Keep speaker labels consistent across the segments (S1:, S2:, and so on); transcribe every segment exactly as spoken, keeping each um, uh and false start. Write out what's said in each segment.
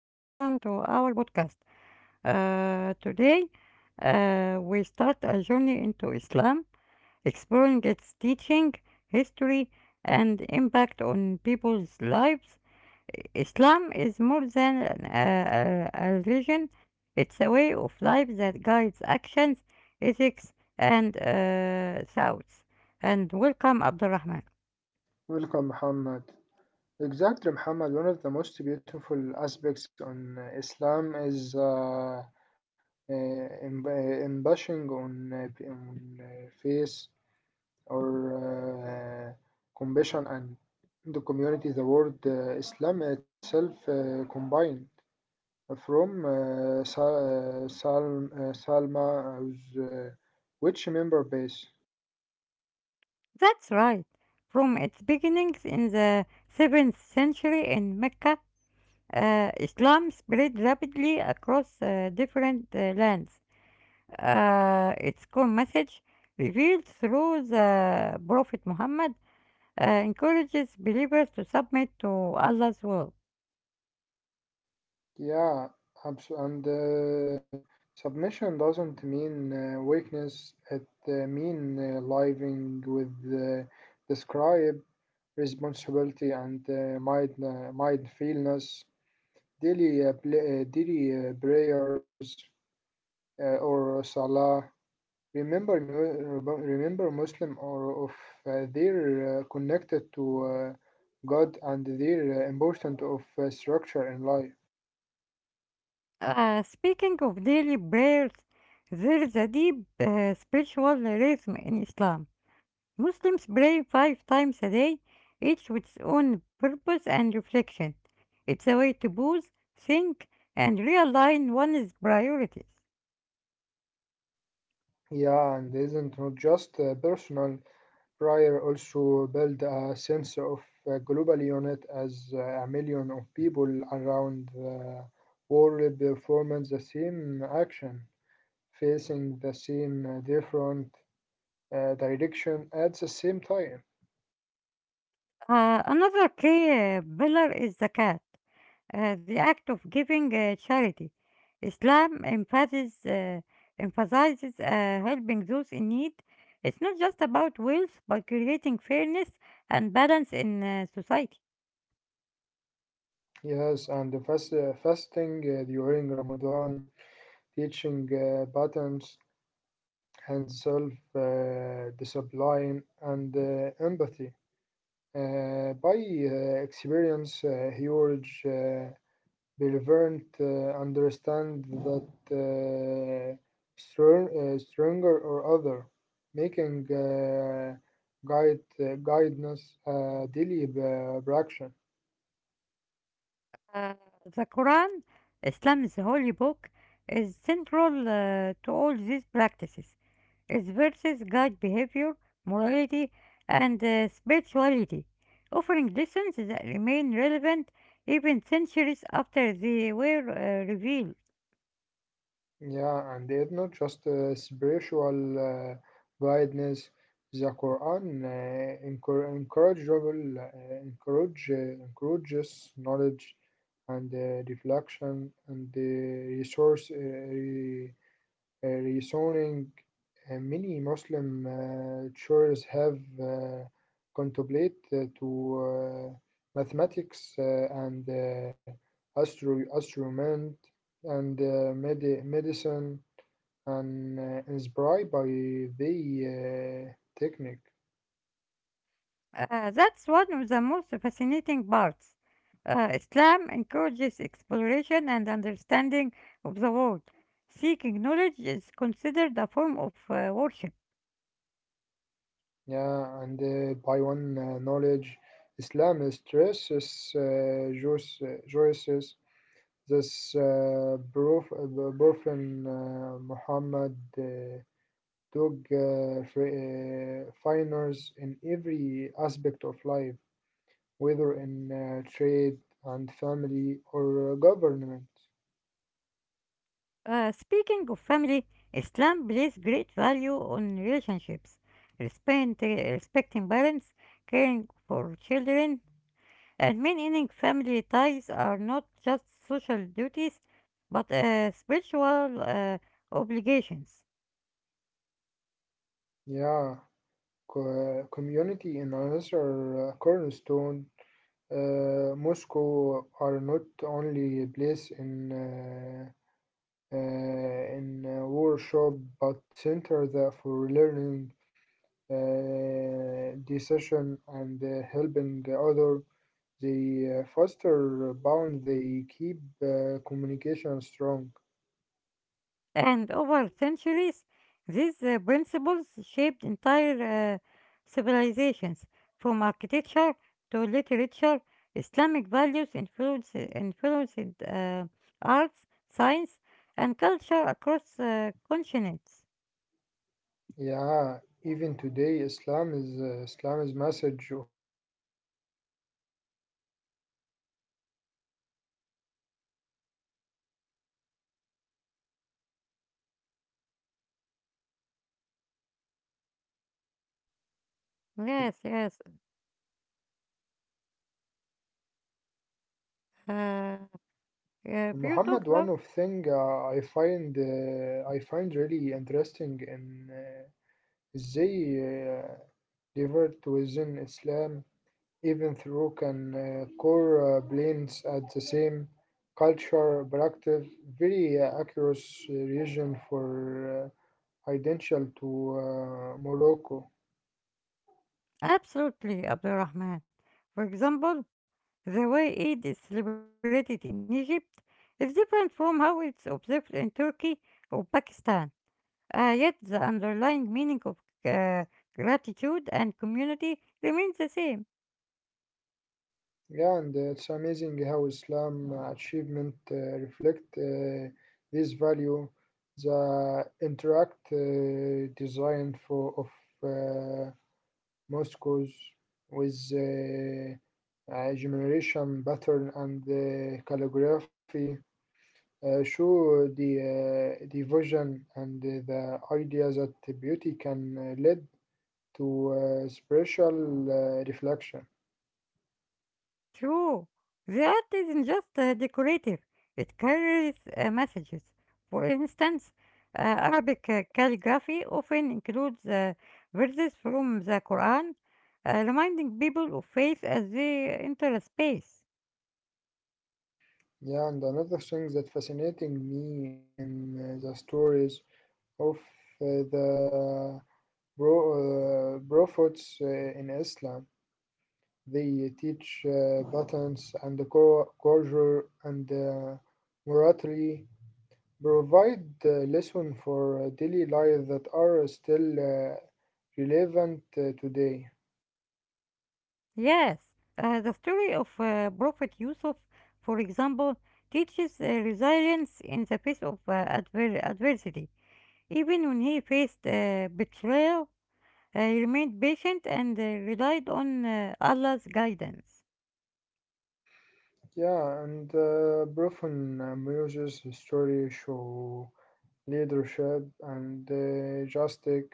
S1: to our podcast. Uh, today, uh, we start a journey into Islam, exploring its teaching, history, and impact on people's lives. I- Islam is more than an- a, a, a religion. It's a way of life that guides actions, ethics, and uh, thoughts. And welcome, Abdurrahman.
S2: Welcome, Muhammad. Exactly, Muhammad. One of the most beautiful aspects on uh, Islam is uh, uh, em- uh, embellishing on, uh, p- on uh, faith or uh, compassion and the community. The word uh, Islam itself uh, combined from uh, Sal uh, Salm- uh, Salma, who's, uh, which member base?
S1: That's right. From its beginnings in the seventh century in Mecca, uh, Islam spread rapidly across uh, different uh, lands. Uh, its core message, revealed through the Prophet Muhammad, uh, encourages believers to submit to Allah's will.
S2: Yeah, abso- and uh, submission doesn't mean uh, weakness. It uh, mean uh, living with uh, describe responsibility and uh, mind uh, mindfulness, daily uh, pl- uh, daily uh, prayers uh, or salah. Remember, mu- remember Muslim or of uh, they're uh, connected to uh, God and they're uh, important of uh, structure in life.
S1: Uh, speaking of daily prayers, there is a deep uh, spiritual rhythm in Islam. Muslims pray five times a day, each with its own purpose and reflection. It's a way to pause, think, and realign one's priorities.
S2: Yeah, and isn't not just uh, personal. Prior also build a sense of uh, global unit as uh, a million of people around the world performing the same action, facing the same uh, different uh, direction at the same time.
S1: Uh, another key uh, pillar is zakat, uh, the act of giving uh, charity. Islam emphasizes, uh, emphasizes uh, helping those in need. It's not just about wealth, but creating fairness and balance in uh, society.
S2: Yes, and the fast, uh, fasting uh, during Ramadan, teaching uh, patterns and self uh, discipline and uh, empathy. uh, by uh, experience, uh, he urge uh, Belvern to understand that uh, strong, uh, stronger or other, making uh, guide uh, guidance a daily uh, action.
S1: Uh, the Quran, Islam's holy book, is central uh, to all these practices. Its verses guide behavior, morality, and uh, spirituality, offering lessons that remain relevant even centuries after they were uh, revealed.
S2: Yeah, and it's not just uh, spiritual uh, guidance. The Quran uh, encour- encourageable, uh, encourage, uh, encourages knowledge and uh, reflection and the resource, uh, uh, rezoning, uh, many Muslim uh, churches have uh, contemplated uh, to uh, mathematics uh, and uh, astro- astronomy and uh, medi- medicine and uh, inspired by the uh, technique.
S1: Uh, that's one of the most fascinating parts. Uh, Islam encourages exploration and understanding of the world. Seeking knowledge is considered a form of uh, worship.
S2: Yeah, and uh, by one uh, knowledge, Islam stresses uh, Jews, this uh, proof, uh, Burfin uh, Muhammad uh, took uh, fi- uh, finers in every aspect of life, whether in uh, trade and family or uh, government.
S1: Uh, speaking of family, Islam places great value on relationships, respect, respecting parents, caring for children, and maintaining family ties are not just social duties but uh, spiritual uh, obligations.
S2: Yeah, co- community in another uh, cornerstone. Uh, Moscow are not only a place in uh, uh, in uh, workshop but center there for learning uh, decision and uh, helping other, they uh, foster bond. They keep uh, communication strong.
S1: And over centuries, these uh, principles shaped entire uh, civilizations, from architecture to literature. Islamic values influence, influenced uh, arts, science, and culture across uh, continents.
S2: Yeah, even today Islam is uh, Islam's message of unit, uh, compassion and uh, reflection uh, remind uh, re-
S1: Yes, yes. Uh,
S2: Muhammad,
S1: if
S2: one of
S1: you talk
S2: thing
S1: about
S2: uh, I find uh, I find really interesting in uh, ازاي developed within Islam, even through can uh, core uh, blends at the same culture practice very uh, across region for uh, identical to uh, Morocco.
S1: absolutely Abdurrahman. For example, the way Eid is celebrated in Egypt is different from how it's observed in Turkey or Pakistan. Uh, yet the underlying meaning of uh, gratitude and community remains the same.
S2: Yeah, and it's amazing how Islam achievement uh, reflect uh, this value. The interact uh, design for of uh, mosques with uh, uh, generation pattern and uh, calligraphy uh, show the, uh, the and the idea that beauty can uh, lead to uh, spiritual uh, reflection.
S1: True, the art isn't just uh, decorative. It carries uh, messages. For instance, uh, Arabic uh, calligraphy often includes uh, verses from the Quran, uh, reminding people of faith as they enter a space.
S2: Yeah, and another thing that fascinating me in uh, the stories of uh, the bro- uh, prophets uh, in Islam, they teach uh, patterns and the cor- culture and uh, morality provide uh, lessons for uh, daily life that are still uh, relevant uh, today.
S1: Yes, uh, the story of uh, Prophet Yusuf, for example, teaches uh, resilience in the face of uh, adver- adversity. Even when he faced uh, betrayal, uh, he remained patient and uh, relied on uh, Allah's guidance.
S2: Yeah, and uh, Brofun uh, Muse's story show leadership and uh, justice.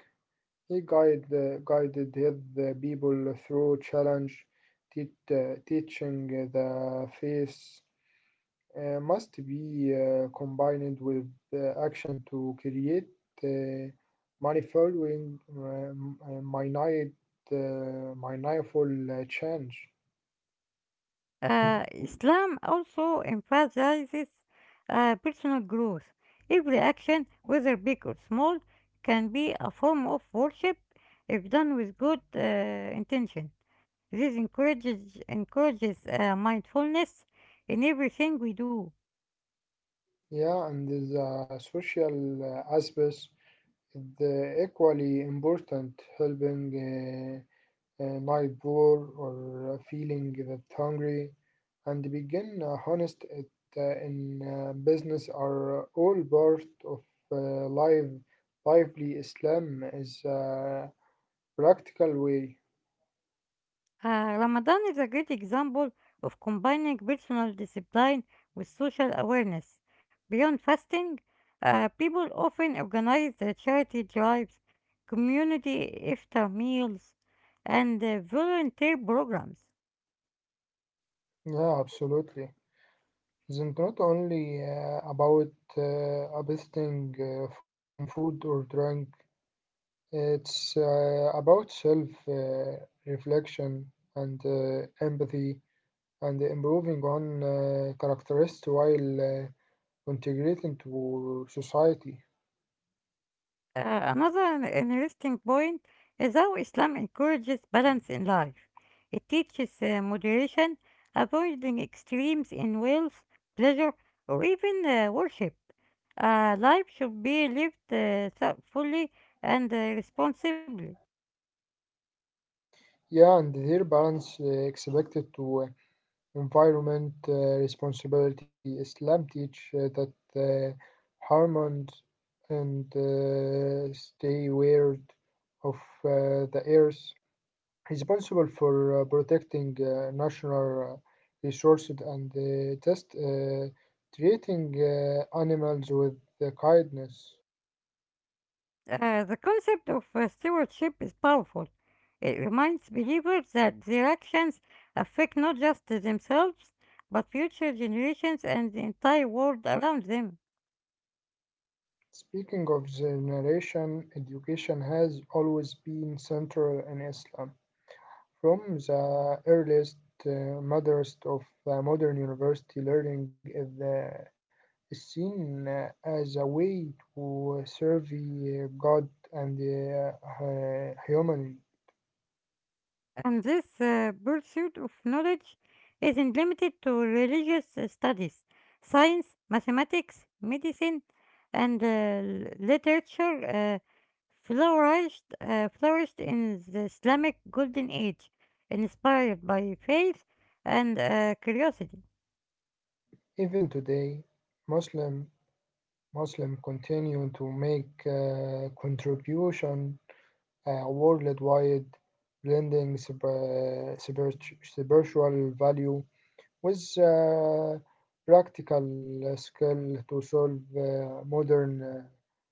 S2: He guide, uh, guided his uh, people through challenge, teach, uh, teaching the faith uh, must be uh, combined with uh, action to create uh, manifolding, um, uh, minute, uh, manifold uh, change.
S1: Uh, Islam also emphasizes uh, personal growth. Every action, whether big or small, can be a form of worship if done with good uh, intention. This encourages encourages uh, mindfulness in everything we do.
S2: Yeah, and the social uh, aspects is uh, equally important, helping. Uh, uh, Night war, or uh, feeling that hungry, and begin uh, honest it, uh, in uh, business are all part of uh, life. Lively Islam is a practical way.
S1: Uh, Ramadan is a great example of combining personal discipline with social awareness. Beyond fasting, uh, people often organize uh, charity drives, community iftar meals, and uh, volunteer programs.
S2: Yeah, absolutely. It's not only uh, about uh, abstaining uh, from food or drink, it's uh, about self uh, reflection and uh, empathy, and improving on uh, characteristics while uh, integrating to society.
S1: Uh, another an- interesting point is how Islam encourages balance in life. It teaches uh, moderation, avoiding extremes in wealth, pleasure, or even uh, worship. Uh, life should be lived uh, thoughtfully and uh, responsibly.
S2: Yeah, and their balance uh, expected to uh, environment uh, responsibility. Islam teach uh, that uh, harmony and uh, stay aware of uh, the earth, responsible for uh, protecting uh, national uh, resources and uh, just uh, treating uh, animals with the kindness.
S1: Uh, the concept of uh, stewardship is powerful. It reminds believers that their actions affect not just themselves, but future generations and the entire world around them.
S2: Speaking of generation, education has always been central in Islam. From the earliest uh, madrasas of the modern university, learning is, the, is seen uh, as a way to serve uh, God and uh, hu- humanity.
S1: And this uh, pursuit of knowledge isn't limited to religious uh, studies. Science, mathematics, medicine, and uh, l- literature uh, flourished, uh, flourished in the Islamic Golden Age, inspired by faith and uh, curiosity.
S2: Even today, Muslim Muslim continue to make uh, contribution uh, worldwide, blending sp- spirit- spiritual value with uh, practical uh, skill to solve uh, modern uh,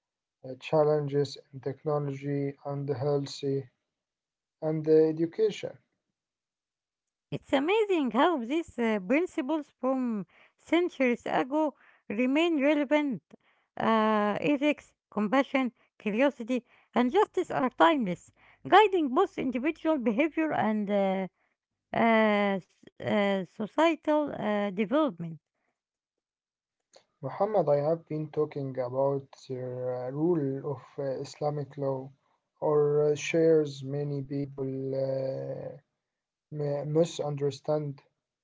S2: challenges in technology and health, and uh, education.
S1: It's amazing how these uh, principles from centuries ago remain relevant. Uh, ethics, compassion, curiosity, and justice are timeless, guiding both individual behavior and uh, uh, s- uh, societal uh, development.
S2: Muhammad, I have been talking about the uh, rule of uh, Islamic law, or uh, shares many people. Uh, m- Misunderstand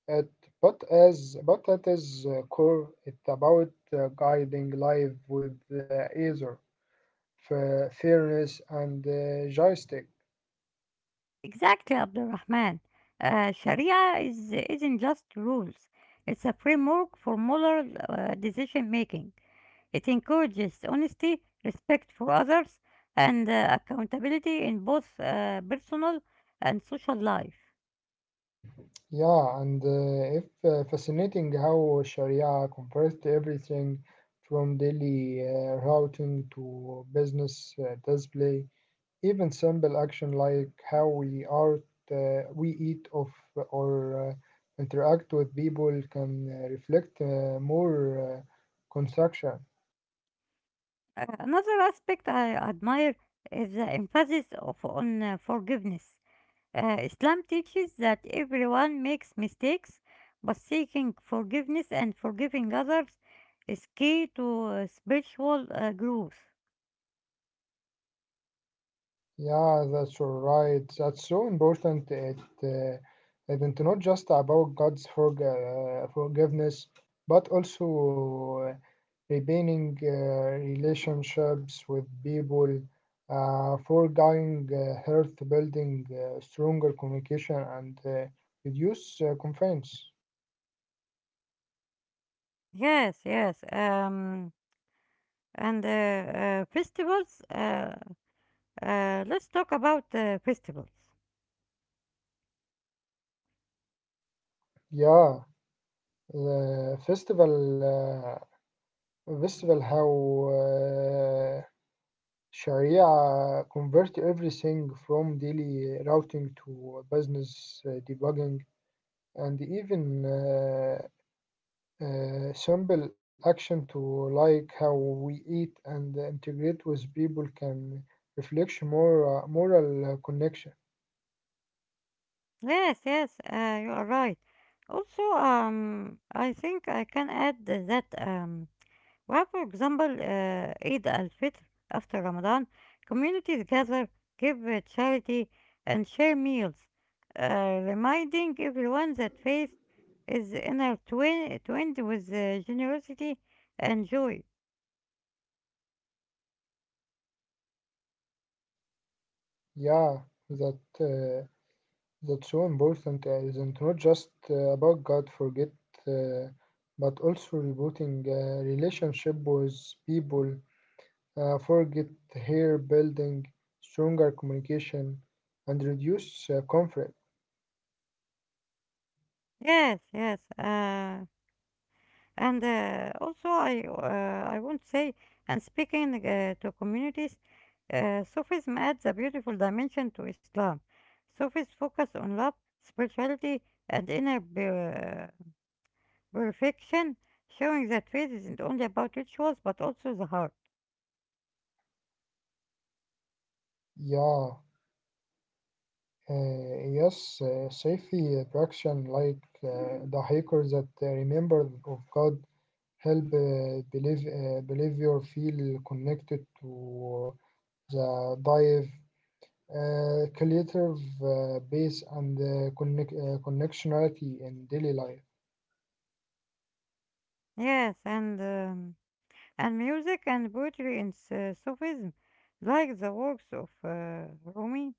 S2: it, but as but at its uh, core, it's about uh, guiding life with uh, either f- fairness and uh, joystick.
S1: Exactly, Abdurrahman. Uh, Sharia is, isn't just rules, it's a framework for moral uh, decision making. It encourages honesty, respect for others, and uh, accountability in both uh, personal and social life.
S2: Yeah, and uh, if uh, fascinating how Sharia converts everything from daily uh, routing to business uh, display. Even simple action like how we are uh, we eat of or uh, interact with people can uh, reflect uh, more uh, construction.
S1: Uh, another aspect I admire is the emphasis of, on uh, forgiveness. Uh, Islam teaches that everyone makes mistakes, but seeking forgiveness and forgiving others is key to uh, spiritual uh, growth.
S2: Yeah, that's all right. That's so important. It, uh, it's not just about God's forg uh, forgiveness, but also uh, repairing uh, relationships with people, uh, forgoing uh, health, building uh, stronger communication, and uh, reduce uh, confines.
S1: Yes, yes. Um, and uh, uh, festivals uh, Uh, let's talk about uh, festivals.
S2: Yeah, the festival, uh, festival how. uh, Sharia convert everything from daily routing to business uh, debugging and even uh, uh, simple action to, like how we eat and integrate with people, can reflect more uh, moral uh, connection.
S1: Yes, yes, uh, you are right. Also, um, I think I can add that um, we have, for example, uh, Eid al-Fitr after Ramadan. Communities gather, give uh, charity, and share meals, uh, reminding everyone that faith is intertwined with uh, generosity and joy.
S2: Yeah, that uh, that's so important. uh, Isn't not just uh, about God forget, uh, but also rebooting uh, relationship with people, uh, forget here building stronger communication and reduce uh, conflict.
S1: Yes, yes. Uh, And uh, also, I uh, I won't say. And speaking uh, to communities, uh, Sufism adds a beautiful dimension to Islam. Sufis focus on love, spirituality, and inner pu- perfection, showing that faith isn't only about rituals but also the heart.
S2: Yeah, uh, yes, uh, safety protection like uh, the hikers that uh, remember of God help uh, believe uh, believer feel connected to the dive uh, creative uh, base and uh, connect, uh, connectionality in daily life.
S1: Yes, and um, and music and poetry in S- Sufism, like the works of uh, Rumi,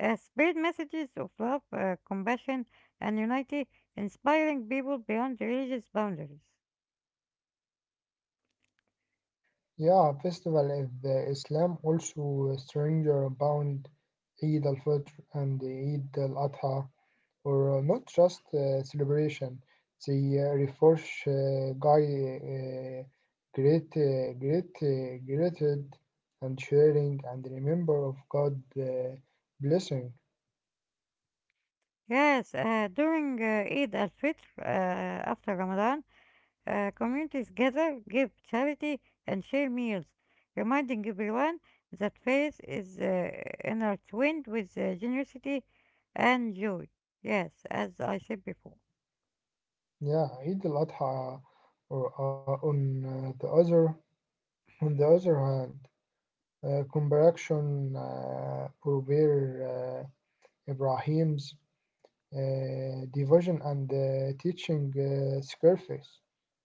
S1: Uh, spread messages of love, uh, compassion, and unity, inspiring people beyond religious boundaries.
S2: Yeah, festival of the Islam also stranger bound, Eid al-Fitr and Eid al-Adha, or not just uh, celebration. They uh, refresh uh, guy uh, great uh, great uh, gratitude and sharing and remember of God uh, blessing.
S1: Yes, uh, during uh, Eid al Fitr, uh, after Ramadan, uh, communities gather, give charity, and share meals, reminding everyone that faith is uh, intertwined with uh, generosity and joy. Yes, as I said before.
S2: Yeah, Eid al-Adha or uh, on uh, the other on the other hand, uh, comparison uh, prevail. Ibrahim's uh, devotion and uh, teaching uh, sacrifice,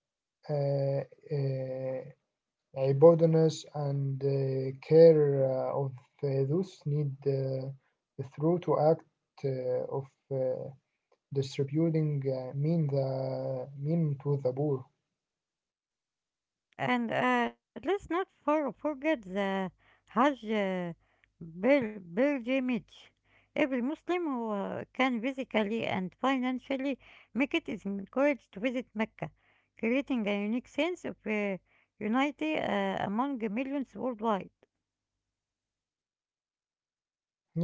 S2: uh, uh, abundance, and uh, care uh, of uh, those need uh, through to act uh, of uh, distributing uh, mean the mean to the poor.
S1: And uh, let's not for, forget the Hajj uh, pil- pilgrimage. Every Muslim who uh, can physically and financially make it is encouraged to visit Mecca, creating a unique sense of uh, unity uh, among the millions worldwide.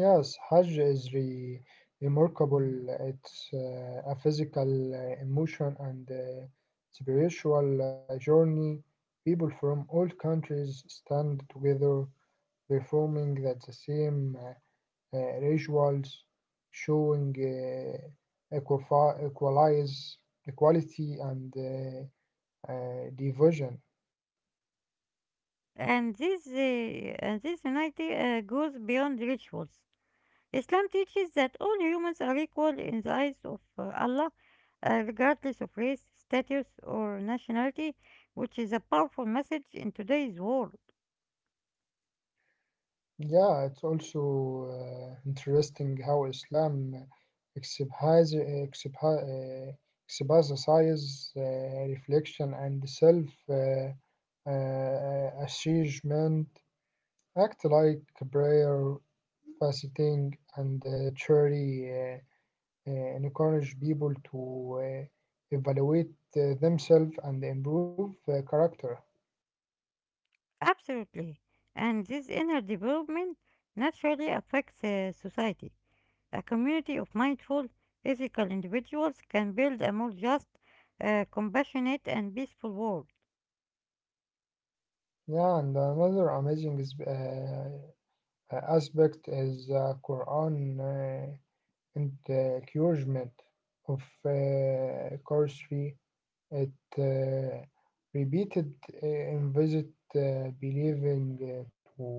S2: Yes, Hajj is re- remarkable. It's uh, a physical, uh, emotion, and uh, spiritual uh, journey. People from all countries stand together, performing that the same uh, uh, rituals, showing uh, equifa- equalize, equality, and uh, uh, division.
S1: And this, uh, and this unity uh, goes beyond rituals. Islam teaches that all humans are equal in the eyes of uh, Allah, uh, regardless of race, status, or nationality, which is a powerful message in today's world.
S2: Yeah, it's also uh, interesting how Islam exhibits, exhibi- uh, exhibits uh, reflection and self uh, uh, achievement. Act like prayer, fasting, and uh, charity uh, uh, encourage people to uh, evaluate uh, themselves and improve uh, character.
S1: Absolutely. And this inner development naturally affects uh, society. A community of mindful, ethical individuals can build a more just, uh, compassionate, and peaceful world.
S2: Yeah, and another amazing is, uh, uh, aspect is uh, Quran uh, encouragement of uh, sorcery. It uh, repeated uh, in visit uh, believing uh, to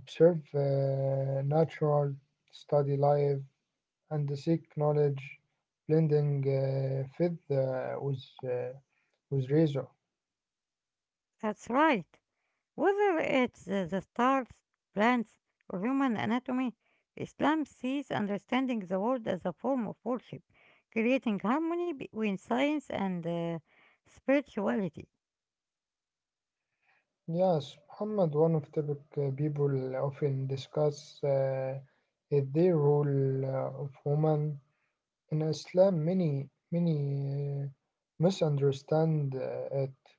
S2: observe uh, natural, study life, and seek knowledge, blending uh, faith uh, with, uh, with reason.
S1: That's right. Whether it's uh, the stars, plants, or human anatomy, Islam sees understanding the world as a form of worship, creating harmony between science and uh, spirituality.
S2: Yes, Muhammad, one of topic uh, people often discuss uh, is the role uh, of women in Islam. Many many uh, misunderstand uh, it,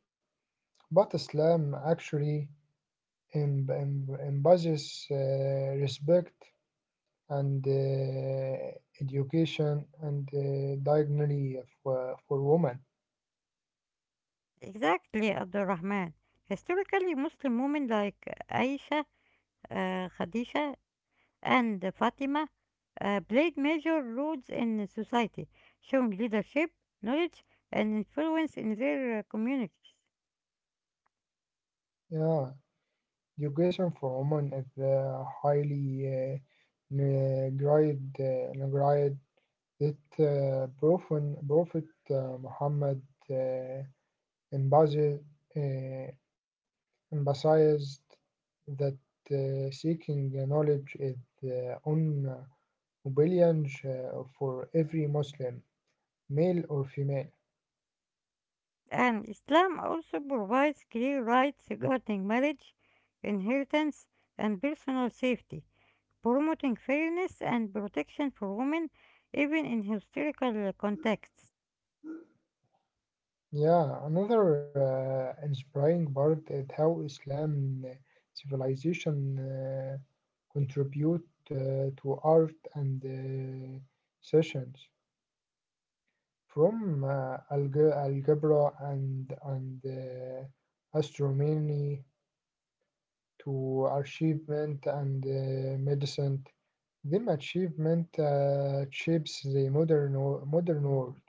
S2: but Islam actually em- em- emphasizes uh, respect and uh, education and uh, dignity for, for women.
S1: Exactly, Abdurrahman. Historically, Muslim women like Aisha, uh, Khadija, and Fatima uh, played major roles in society, showing leadership, knowledge, and influence in their uh, communities.
S2: Yeah, education for women is uh, highly uh, neglected, uh, neglected. It Uh, Prophet, Prophet uh, Muhammad uh, emphasi- uh, emphasized that uh, seeking knowledge is the own obligation uh, for every Muslim, male or female.
S1: And Islam also provides clear rights regarding marriage, inheritance, and personal safety, promoting fairness and protection for women even in historical contexts.
S2: Yeah, another uh, inspiring part is how Islam uh, civilization uh, contribute uh, to art and uh, sessions from uh, alge- algebra and and uh, astronomy to achievement and uh, medicine. Them achievement uh, shapes the modern wo- modern world.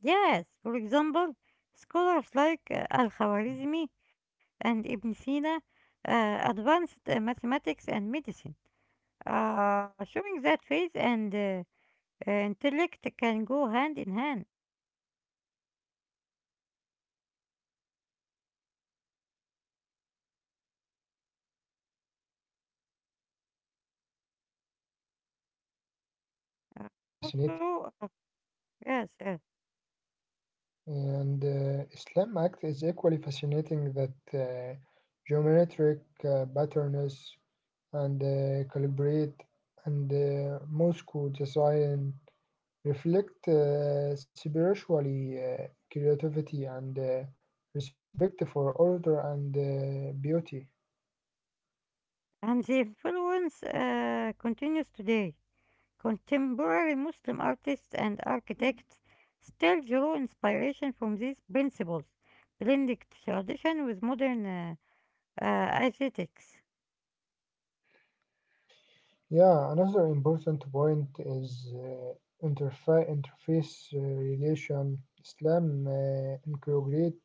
S1: Yes, for example, scholars like uh, Al-Khwarizmi and Ibn Sina uh, advanced uh, mathematics and medicine, uh, showing that faith and uh, uh, intellect can go hand in hand.
S2: Yeah, Islam uh, art is equally fascinating. Uh,
S1: Uh, also, uh, yes, yes.
S2: And uh, Islam Act is equally fascinating that uh, geometric uh, patterns and uh, calibrate and uh, Moscow design reflect uh, spiritually uh, creativity and uh, respect for order and uh, beauty.
S1: And the influence uh, continues today. Contemporary Muslim artists and architects still draw inspiration from these principles, blending tradition with modern uh, uh, aesthetics.
S2: Yeah, another important point is uh, interfa- interface uh, relation. Islam uh, integrate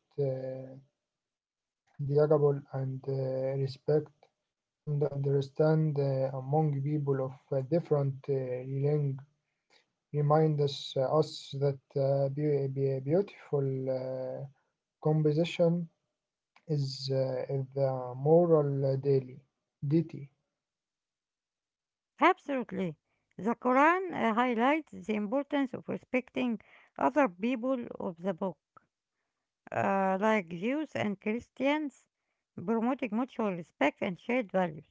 S2: durable and uh, respect and understand uh, among people of uh, different uh, language remind us, uh, us that uh, be, be beautiful uh, composition is uh, the moral daily duty.
S1: Absolutely. The Quran uh, highlights the importance of respecting other people of the book, uh, like Jews and Christians, promoting mutual respect and shared values.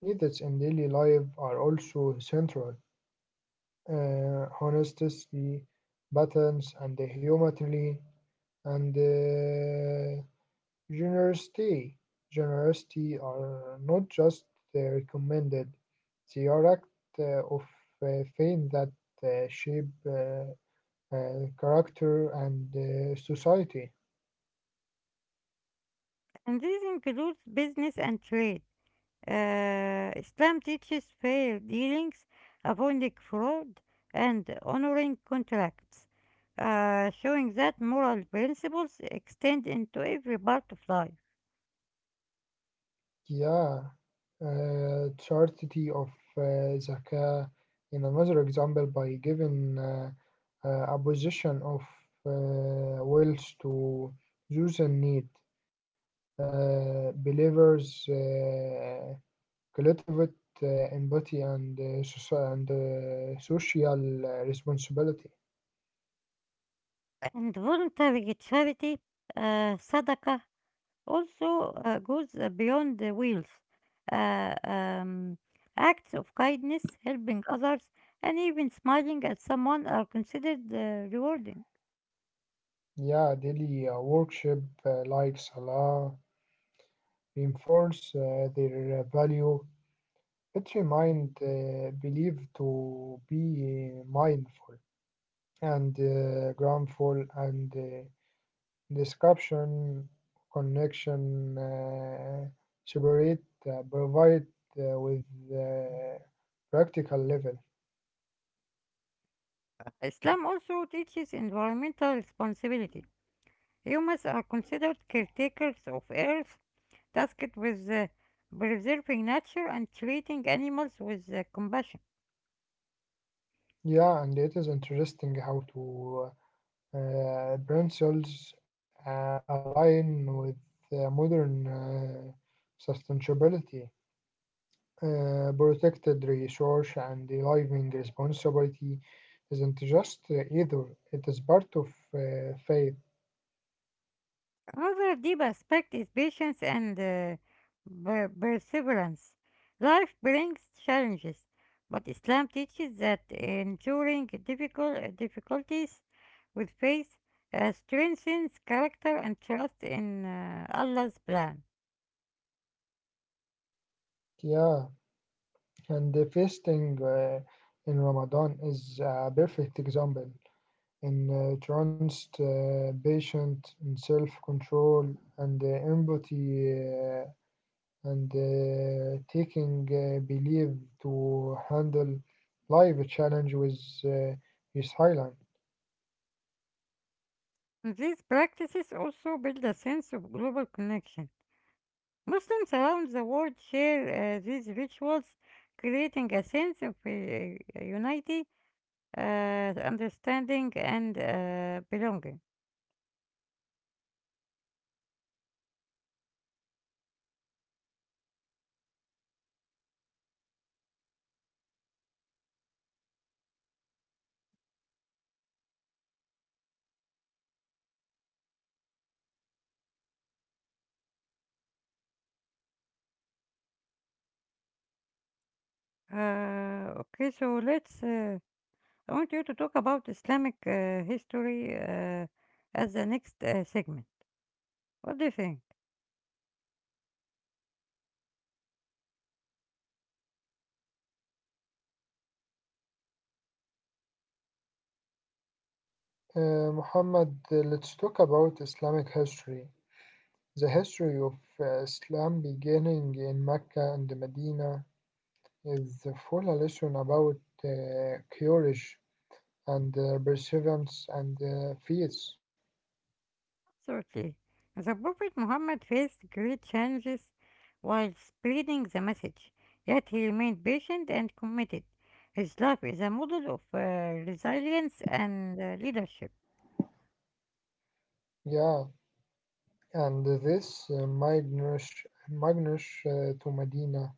S2: Ethics in daily life are also central. Uh, honors the patterns and the humility and uh, generosity. Generosity are not just uh, recommended; they are act uh, of uh, faith that uh, shape uh, uh, character and uh, society.
S1: And this includes business and trade. Uh, Islam teaches fair dealings, avoiding fraud, and honoring contracts, uh, showing that moral principles extend into every part of life.
S2: Yeah, uh, chastity of uh, zakah in another example by giving uh, uh, a position of uh, wealth to those in need. Uh, believers uh, cultivate uh, empathy and, uh, soci- and uh, social uh, responsibility.
S1: And voluntary charity, uh, sadaqah, also uh, goes uh, beyond the wealth. Uh, um, Acts of kindness, helping others, and even smiling at someone are considered uh, rewarding.
S2: Yeah, daily uh, worship uh, like Salah reinforce uh, their value. It your uh, believe to be uh, mindful and uh, groundful and uh, description, connection, uh, separate, uh, provide uh, with uh, practical level.
S1: Islam also teaches environmental responsibility. Humans are considered caretakers of Earth, tasked with uh, preserving nature and treating animals with uh, compassion.
S2: Yeah, and it is interesting how to uh, pencils uh, align with uh, modern uh, sustainability. Uh, protected resource and living responsibility isn't just uh, either, it is part of uh, faith.
S1: Another deep aspect is patience and uh, per- perseverance. Life brings challenges, but Islam teaches that enduring difficult difficulties with faith uh, strengthens character and trust in uh, Allah's plan.
S2: Yeah, and the fasting uh, in Ramadan is a perfect example in uh, trust, uh, patient, in self control, and uh, empathy, uh, and uh, taking uh, belief to handle life challenge with uh, resilience.
S1: These practices also build a sense of global connection. Muslims around the world share uh, these rituals, creating a sense of uh, unity, uh, understanding, and uh, belonging. Uh, okay, so let's. Uh, I want you to talk about Islamic uh, history uh, as the next uh, segment. What do you think?
S2: Uh, Muhammad, uh, let's talk about Islamic history. The history of uh, Islam beginning in Mecca and Medina is a full lesson about uh, courage and uh, perseverance and uh, faith.
S1: Absolutely. The Prophet Muhammad faced great challenges while spreading the message, yet he remained patient and committed. His life is a model of uh, resilience and uh, leadership.
S2: Yeah, and this uh, Magnus, Magnus uh, to Medina,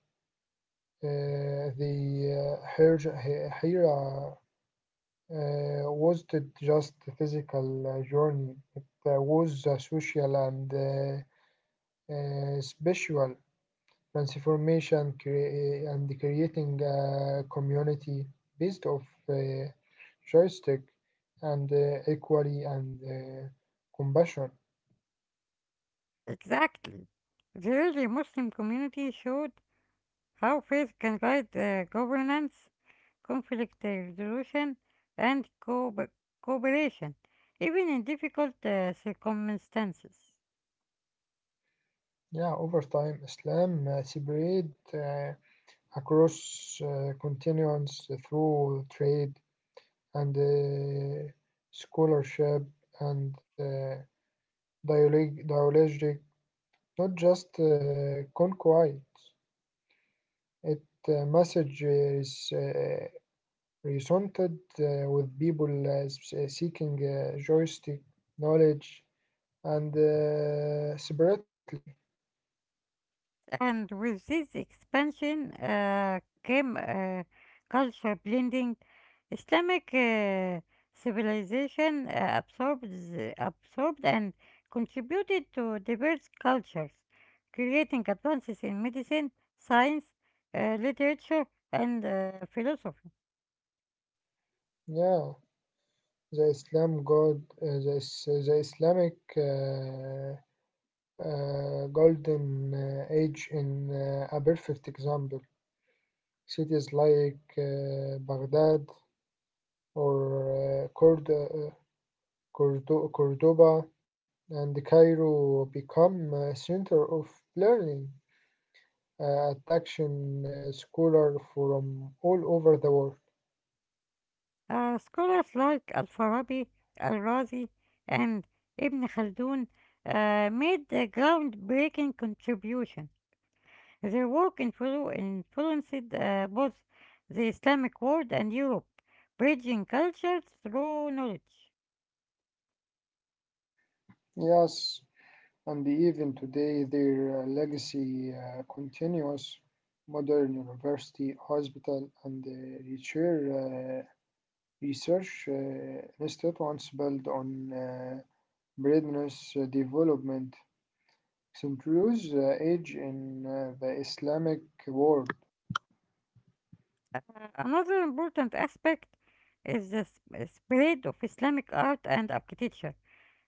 S2: uh, the uh, Hir- Hi- Hira uh, wasn't just a physical uh, journey, it uh, was a social and uh, uh, spiritual transformation crea- uh, and creating a community based of uh, joystick and uh, equality and uh, compassion.
S1: Exactly. The early Muslim community showed how faith can guide uh, governance, conflict resolution, and co- cooperation, even in difficult uh, circumstances.
S2: Yeah, over time, Islam uh, spread uh, across uh, continents through trade and uh, scholarship and uh, dialogic, dialogic, not just uh, conquest. It uh, message is uh, resonated uh, with people uh, s- uh, seeking uh, joystick knowledge and uh, separately.
S1: And with this expansion uh, came uh, culture blending. Islamic uh, civilization uh, absorbed, the- absorbed and contributed to diverse cultures, creating advances in medicine, science, uh, literature, and uh, philosophy.
S2: Yeah, the Islam God, uh, the, is- the Islamic uh, uh, golden uh, age in uh, a perfect example. Cities like uh, Baghdad or uh, Cord- Cordo- Cordoba and Cairo become a center of learning, uh, attraction uh, scholars from all over the world.
S1: Uh, scholars like Al-Farabi, Al-Razi, and Ibn Khaldun uh, made a groundbreaking contribution. Their work influ- influenced uh, both the Islamic world and Europe, bridging cultures through knowledge.
S2: Yes, and even today their uh, legacy uh, continues. Modern university, hospital, and uh, research, uh, research uh, institutes built on uh, Breadness development. Centrus uh, age in uh, the Islamic world.
S1: Uh, another important aspect is the sp- spread of Islamic art and architecture.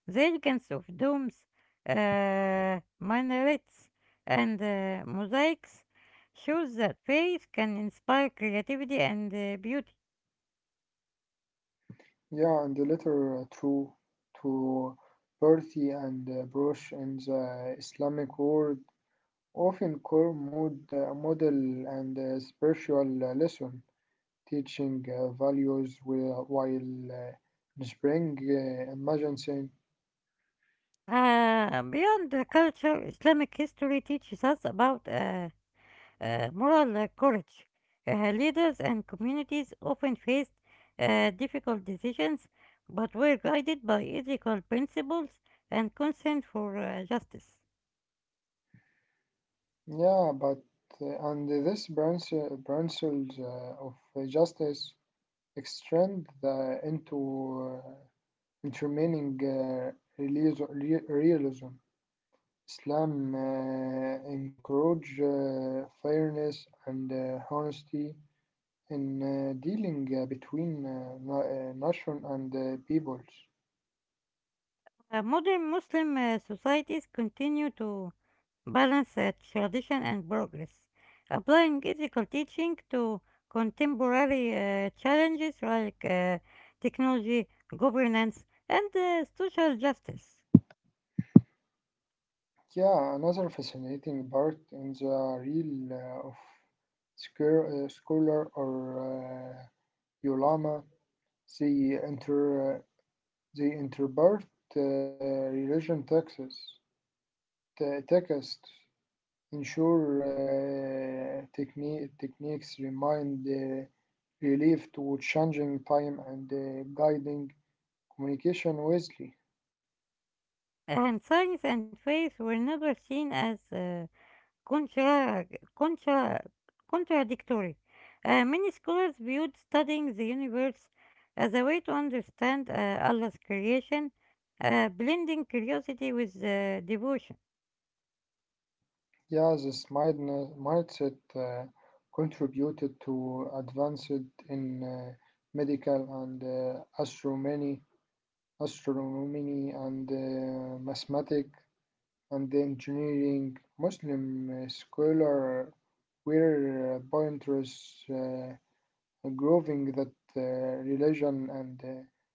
S1: The elegance of domes, uh, minarets, and uh, mosaics shows that faith can inspire creativity and uh, beauty.
S2: Yeah, and the letter uh, through to Percy and uh, Brush in the Islamic world often core mode, uh, model and uh, spiritual uh, lesson, teaching uh, values wi- while uh, spring uh, emergency.
S1: Uh, beyond the culture, Islamic history teaches us about uh, uh, moral uh, courage. Uh, leaders and communities often faced uh, difficult decisions but were guided by ethical principles and concern for uh, justice.
S2: Yeah, but uh, and this branch uh, branches uh, of justice extend the into uh, intermining uh, realism. realism. Islam uh, encourages uh, fairness and uh, honesty in uh, dealing uh, between uh, na- uh, nation and uh, peoples.
S1: Uh, modern Muslim uh, societies continue to balance uh, tradition and progress, applying ethical teaching to contemporary uh, challenges like uh, technology, governance, and uh, social justice.
S2: Yeah, another fascinating part in the reel uh, of scur- uh, scholar or uh, ulama, they inter they interpret uh, religion texts, te- texts Ensure uh, techni- techniques remind uh, relief to changing time and uh, guiding communication wisely.
S1: And signs and faith were never seen as uh, contra, contra, contradictory. Uh, many scholars viewed studying the universe as a way to understand uh, Allah's creation, uh, blending curiosity with uh, devotion.
S2: Yeah, this mindna- mindset uh, contributed to advanced in uh, medical and uh, astronomy, astronomy and uh, mathematics and engineering. Muslim uh, scholar were uh, pointers. Uh, Growing that uh, religion and uh,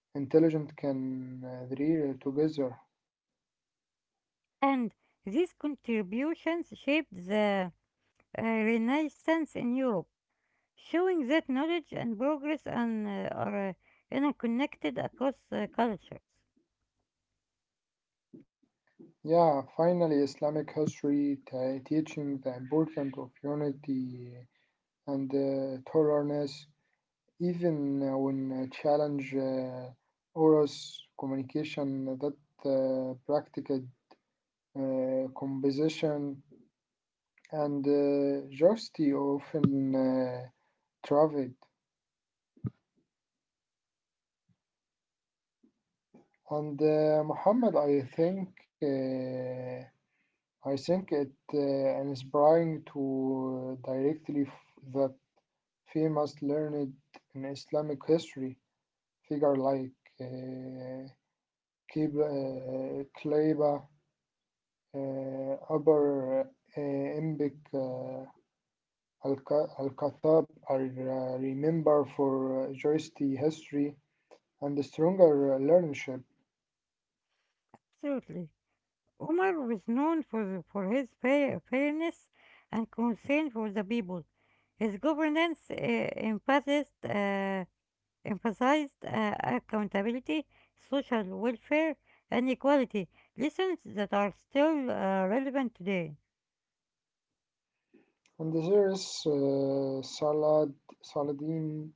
S2: intelligence can uh, thrive together.
S1: And these contributions shaped the uh, Renaissance in Europe, showing that knowledge and progress and, uh, are uh, interconnected across uh, cultures.
S2: Yeah, finally, Islamic history t- teaching the importance of unity and uh, tolerance, even uh, when uh, challenge uh, oros communication that uh, practiced uh, composition and uh, justice often uh, thrived. And uh, Muhammad, I think uh, I think it uh, inspiring to uh, directly f- that famous learned in Islamic history figure like uh, Qib- uh, Qilaiba, uh, Upper uh, Imbic, uh, Al-Ka- Al-Khattab are uh, remembered for uh, juristy history and the stronger uh, learnership.
S1: Absolutely. Umar was known for, for his fair, fairness and concern for the people. His governance uh, emphasized, uh, emphasized uh, accountability, social welfare, and equality, lessons that are still uh, relevant today.
S2: And there is uh, Salad, Saladin.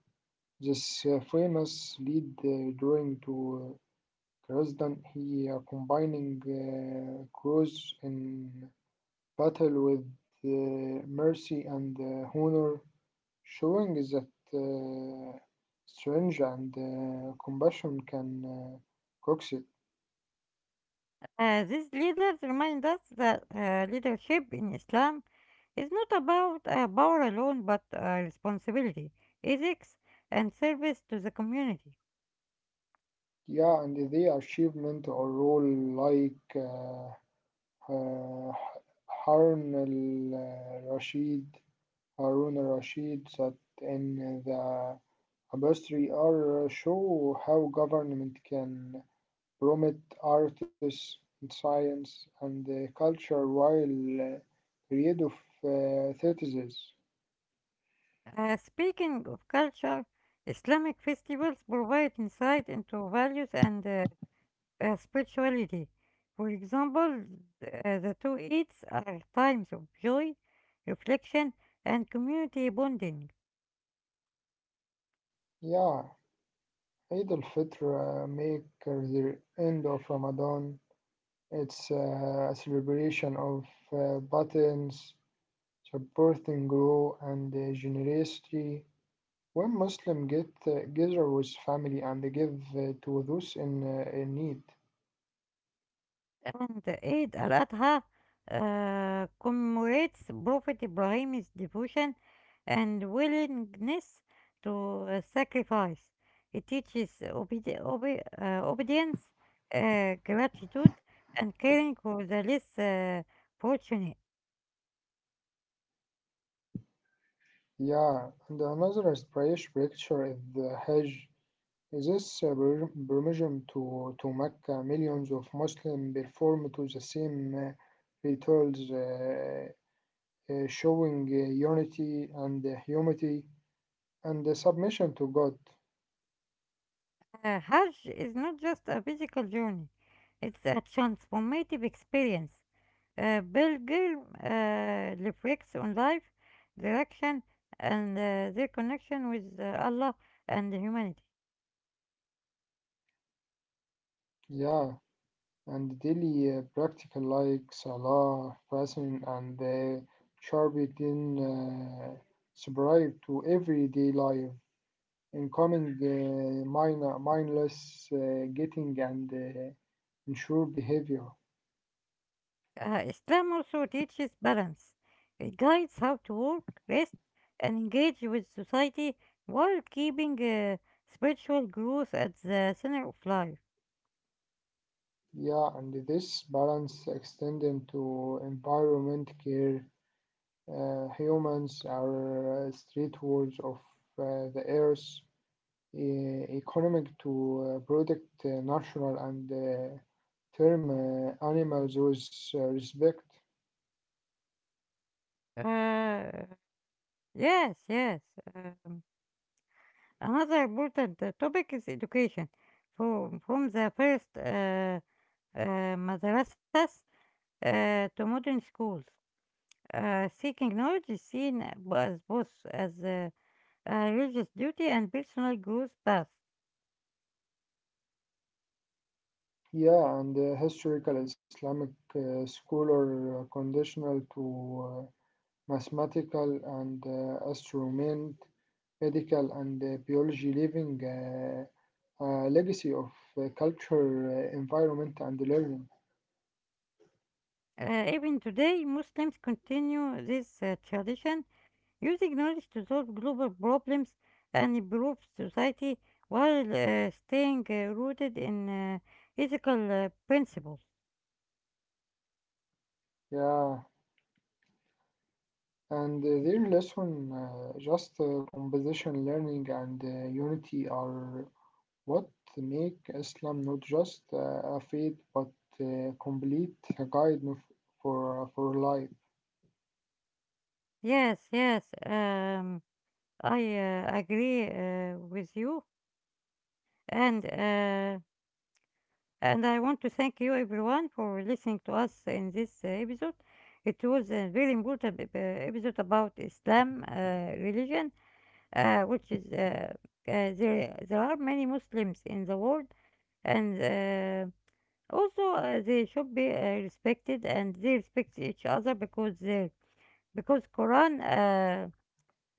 S2: This uh, famous lead uh, drawing to uh, Krasdan, he uh, combining uh, crows in battle with uh, mercy and uh, honor, showing that uh, strength and uh, compassion can uh, coexist.
S1: Uh, these leaders remind us that uh, leadership in Islam is not about uh, power alone but uh, responsibility, ethics, and service to the community.
S2: Yeah, and the achievement or role like uh, uh, Harun al Rashid, Harun al Rashid, that in the Tapestry art show how government can promote artists, science, and uh, culture while uh, create of uh, citizens.
S1: Uh, speaking of culture, Islamic festivals provide insight into values and uh, uh, spirituality. For example, th- uh, the two Eids are times of joy, reflection, and community bonding.
S2: Yeah, Eid al-Fitr uh, make the end of Ramadan. It's uh, a celebration of uh, buttons, supporting grow and uh, generosity. When Muslims get uh, together with family and give uh, to those in, uh, in need.
S1: And Eid al-Adha uh, commemorates Prophet Ibrahim's devotion and willingness to uh, sacrifice. It teaches obedi- obe- uh, obedience, uh, gratitude, and caring for the less uh, fortunate.
S2: Yeah, and another inspiration picture is the Hajj. This uh, per- permission to, to Mecca, millions of Muslims perform to the same uh, rituals, uh, uh, showing uh, unity and uh, humility and uh, submission to God.
S1: Uh, Hajj is not just a physical journey, it's a transformative experience. Uh, Pilgrim uh, reflects on life, direction, and uh, their connection with uh, Allah and humanity.
S2: Yeah, and daily uh, practical like Salah, fasting, and uh, charity in uh, subscribe to everyday life. Incoming uh, minor, mindless uh, getting and uh, ensure behavior.
S1: Uh, Islam also teaches balance. It guides how to work, rest, and engage with society while keeping uh, spiritual growth at the center of life.
S2: Yeah, and this balance extend into environment care. Uh, humans are uh, street wards of uh, the earth, e- economic to uh, protect uh, natural and uh, term uh, animals with uh, respect.
S1: Uh, yes, yes. uh, another important uh, topic is education. From, from the first uh, uh, madrasas uh, to modern schools, uh, seeking knowledge is seen as both as a, a religious duty and personal growth path.
S2: Yeah, and uh, historical Islamic uh, scholar uh, conditional to uh, mathematical and uh, astronomy, medical and uh, biology, leaving uh, a legacy of uh, culture, uh, environment, and learning.
S1: Uh, even today, Muslims continue this uh, tradition, using knowledge to solve global problems and improve society while uh, staying uh, rooted in uh, ethical uh, principles.
S2: Yeah, and uh, their lesson, uh, just uh, composition learning and uh, unity, are what make Islam not just uh, a faith but uh, complete guide for for life.
S1: Yes, yes, um, I uh, agree uh, with you, and uh, and I want to thank you, everyone, for listening to us in this uh, episode. It was a very important ep- uh, episode about Islam uh, religion, uh, which is uh, uh, there. There are many Muslims in the world, and uh, also uh, they should be uh, respected, and they respect each other because they because Quran. Uh,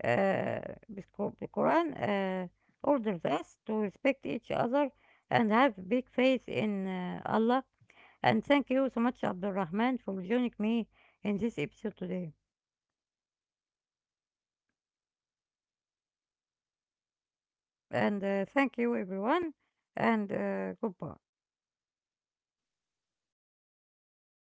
S1: uh, with Qu- the Quran uh, orders us to respect each other and have big faith in uh, Allah. And thank you so much, Abdul Rahman, for joining me in this episode today. And uh, thank you, everyone, and uh, goodbye.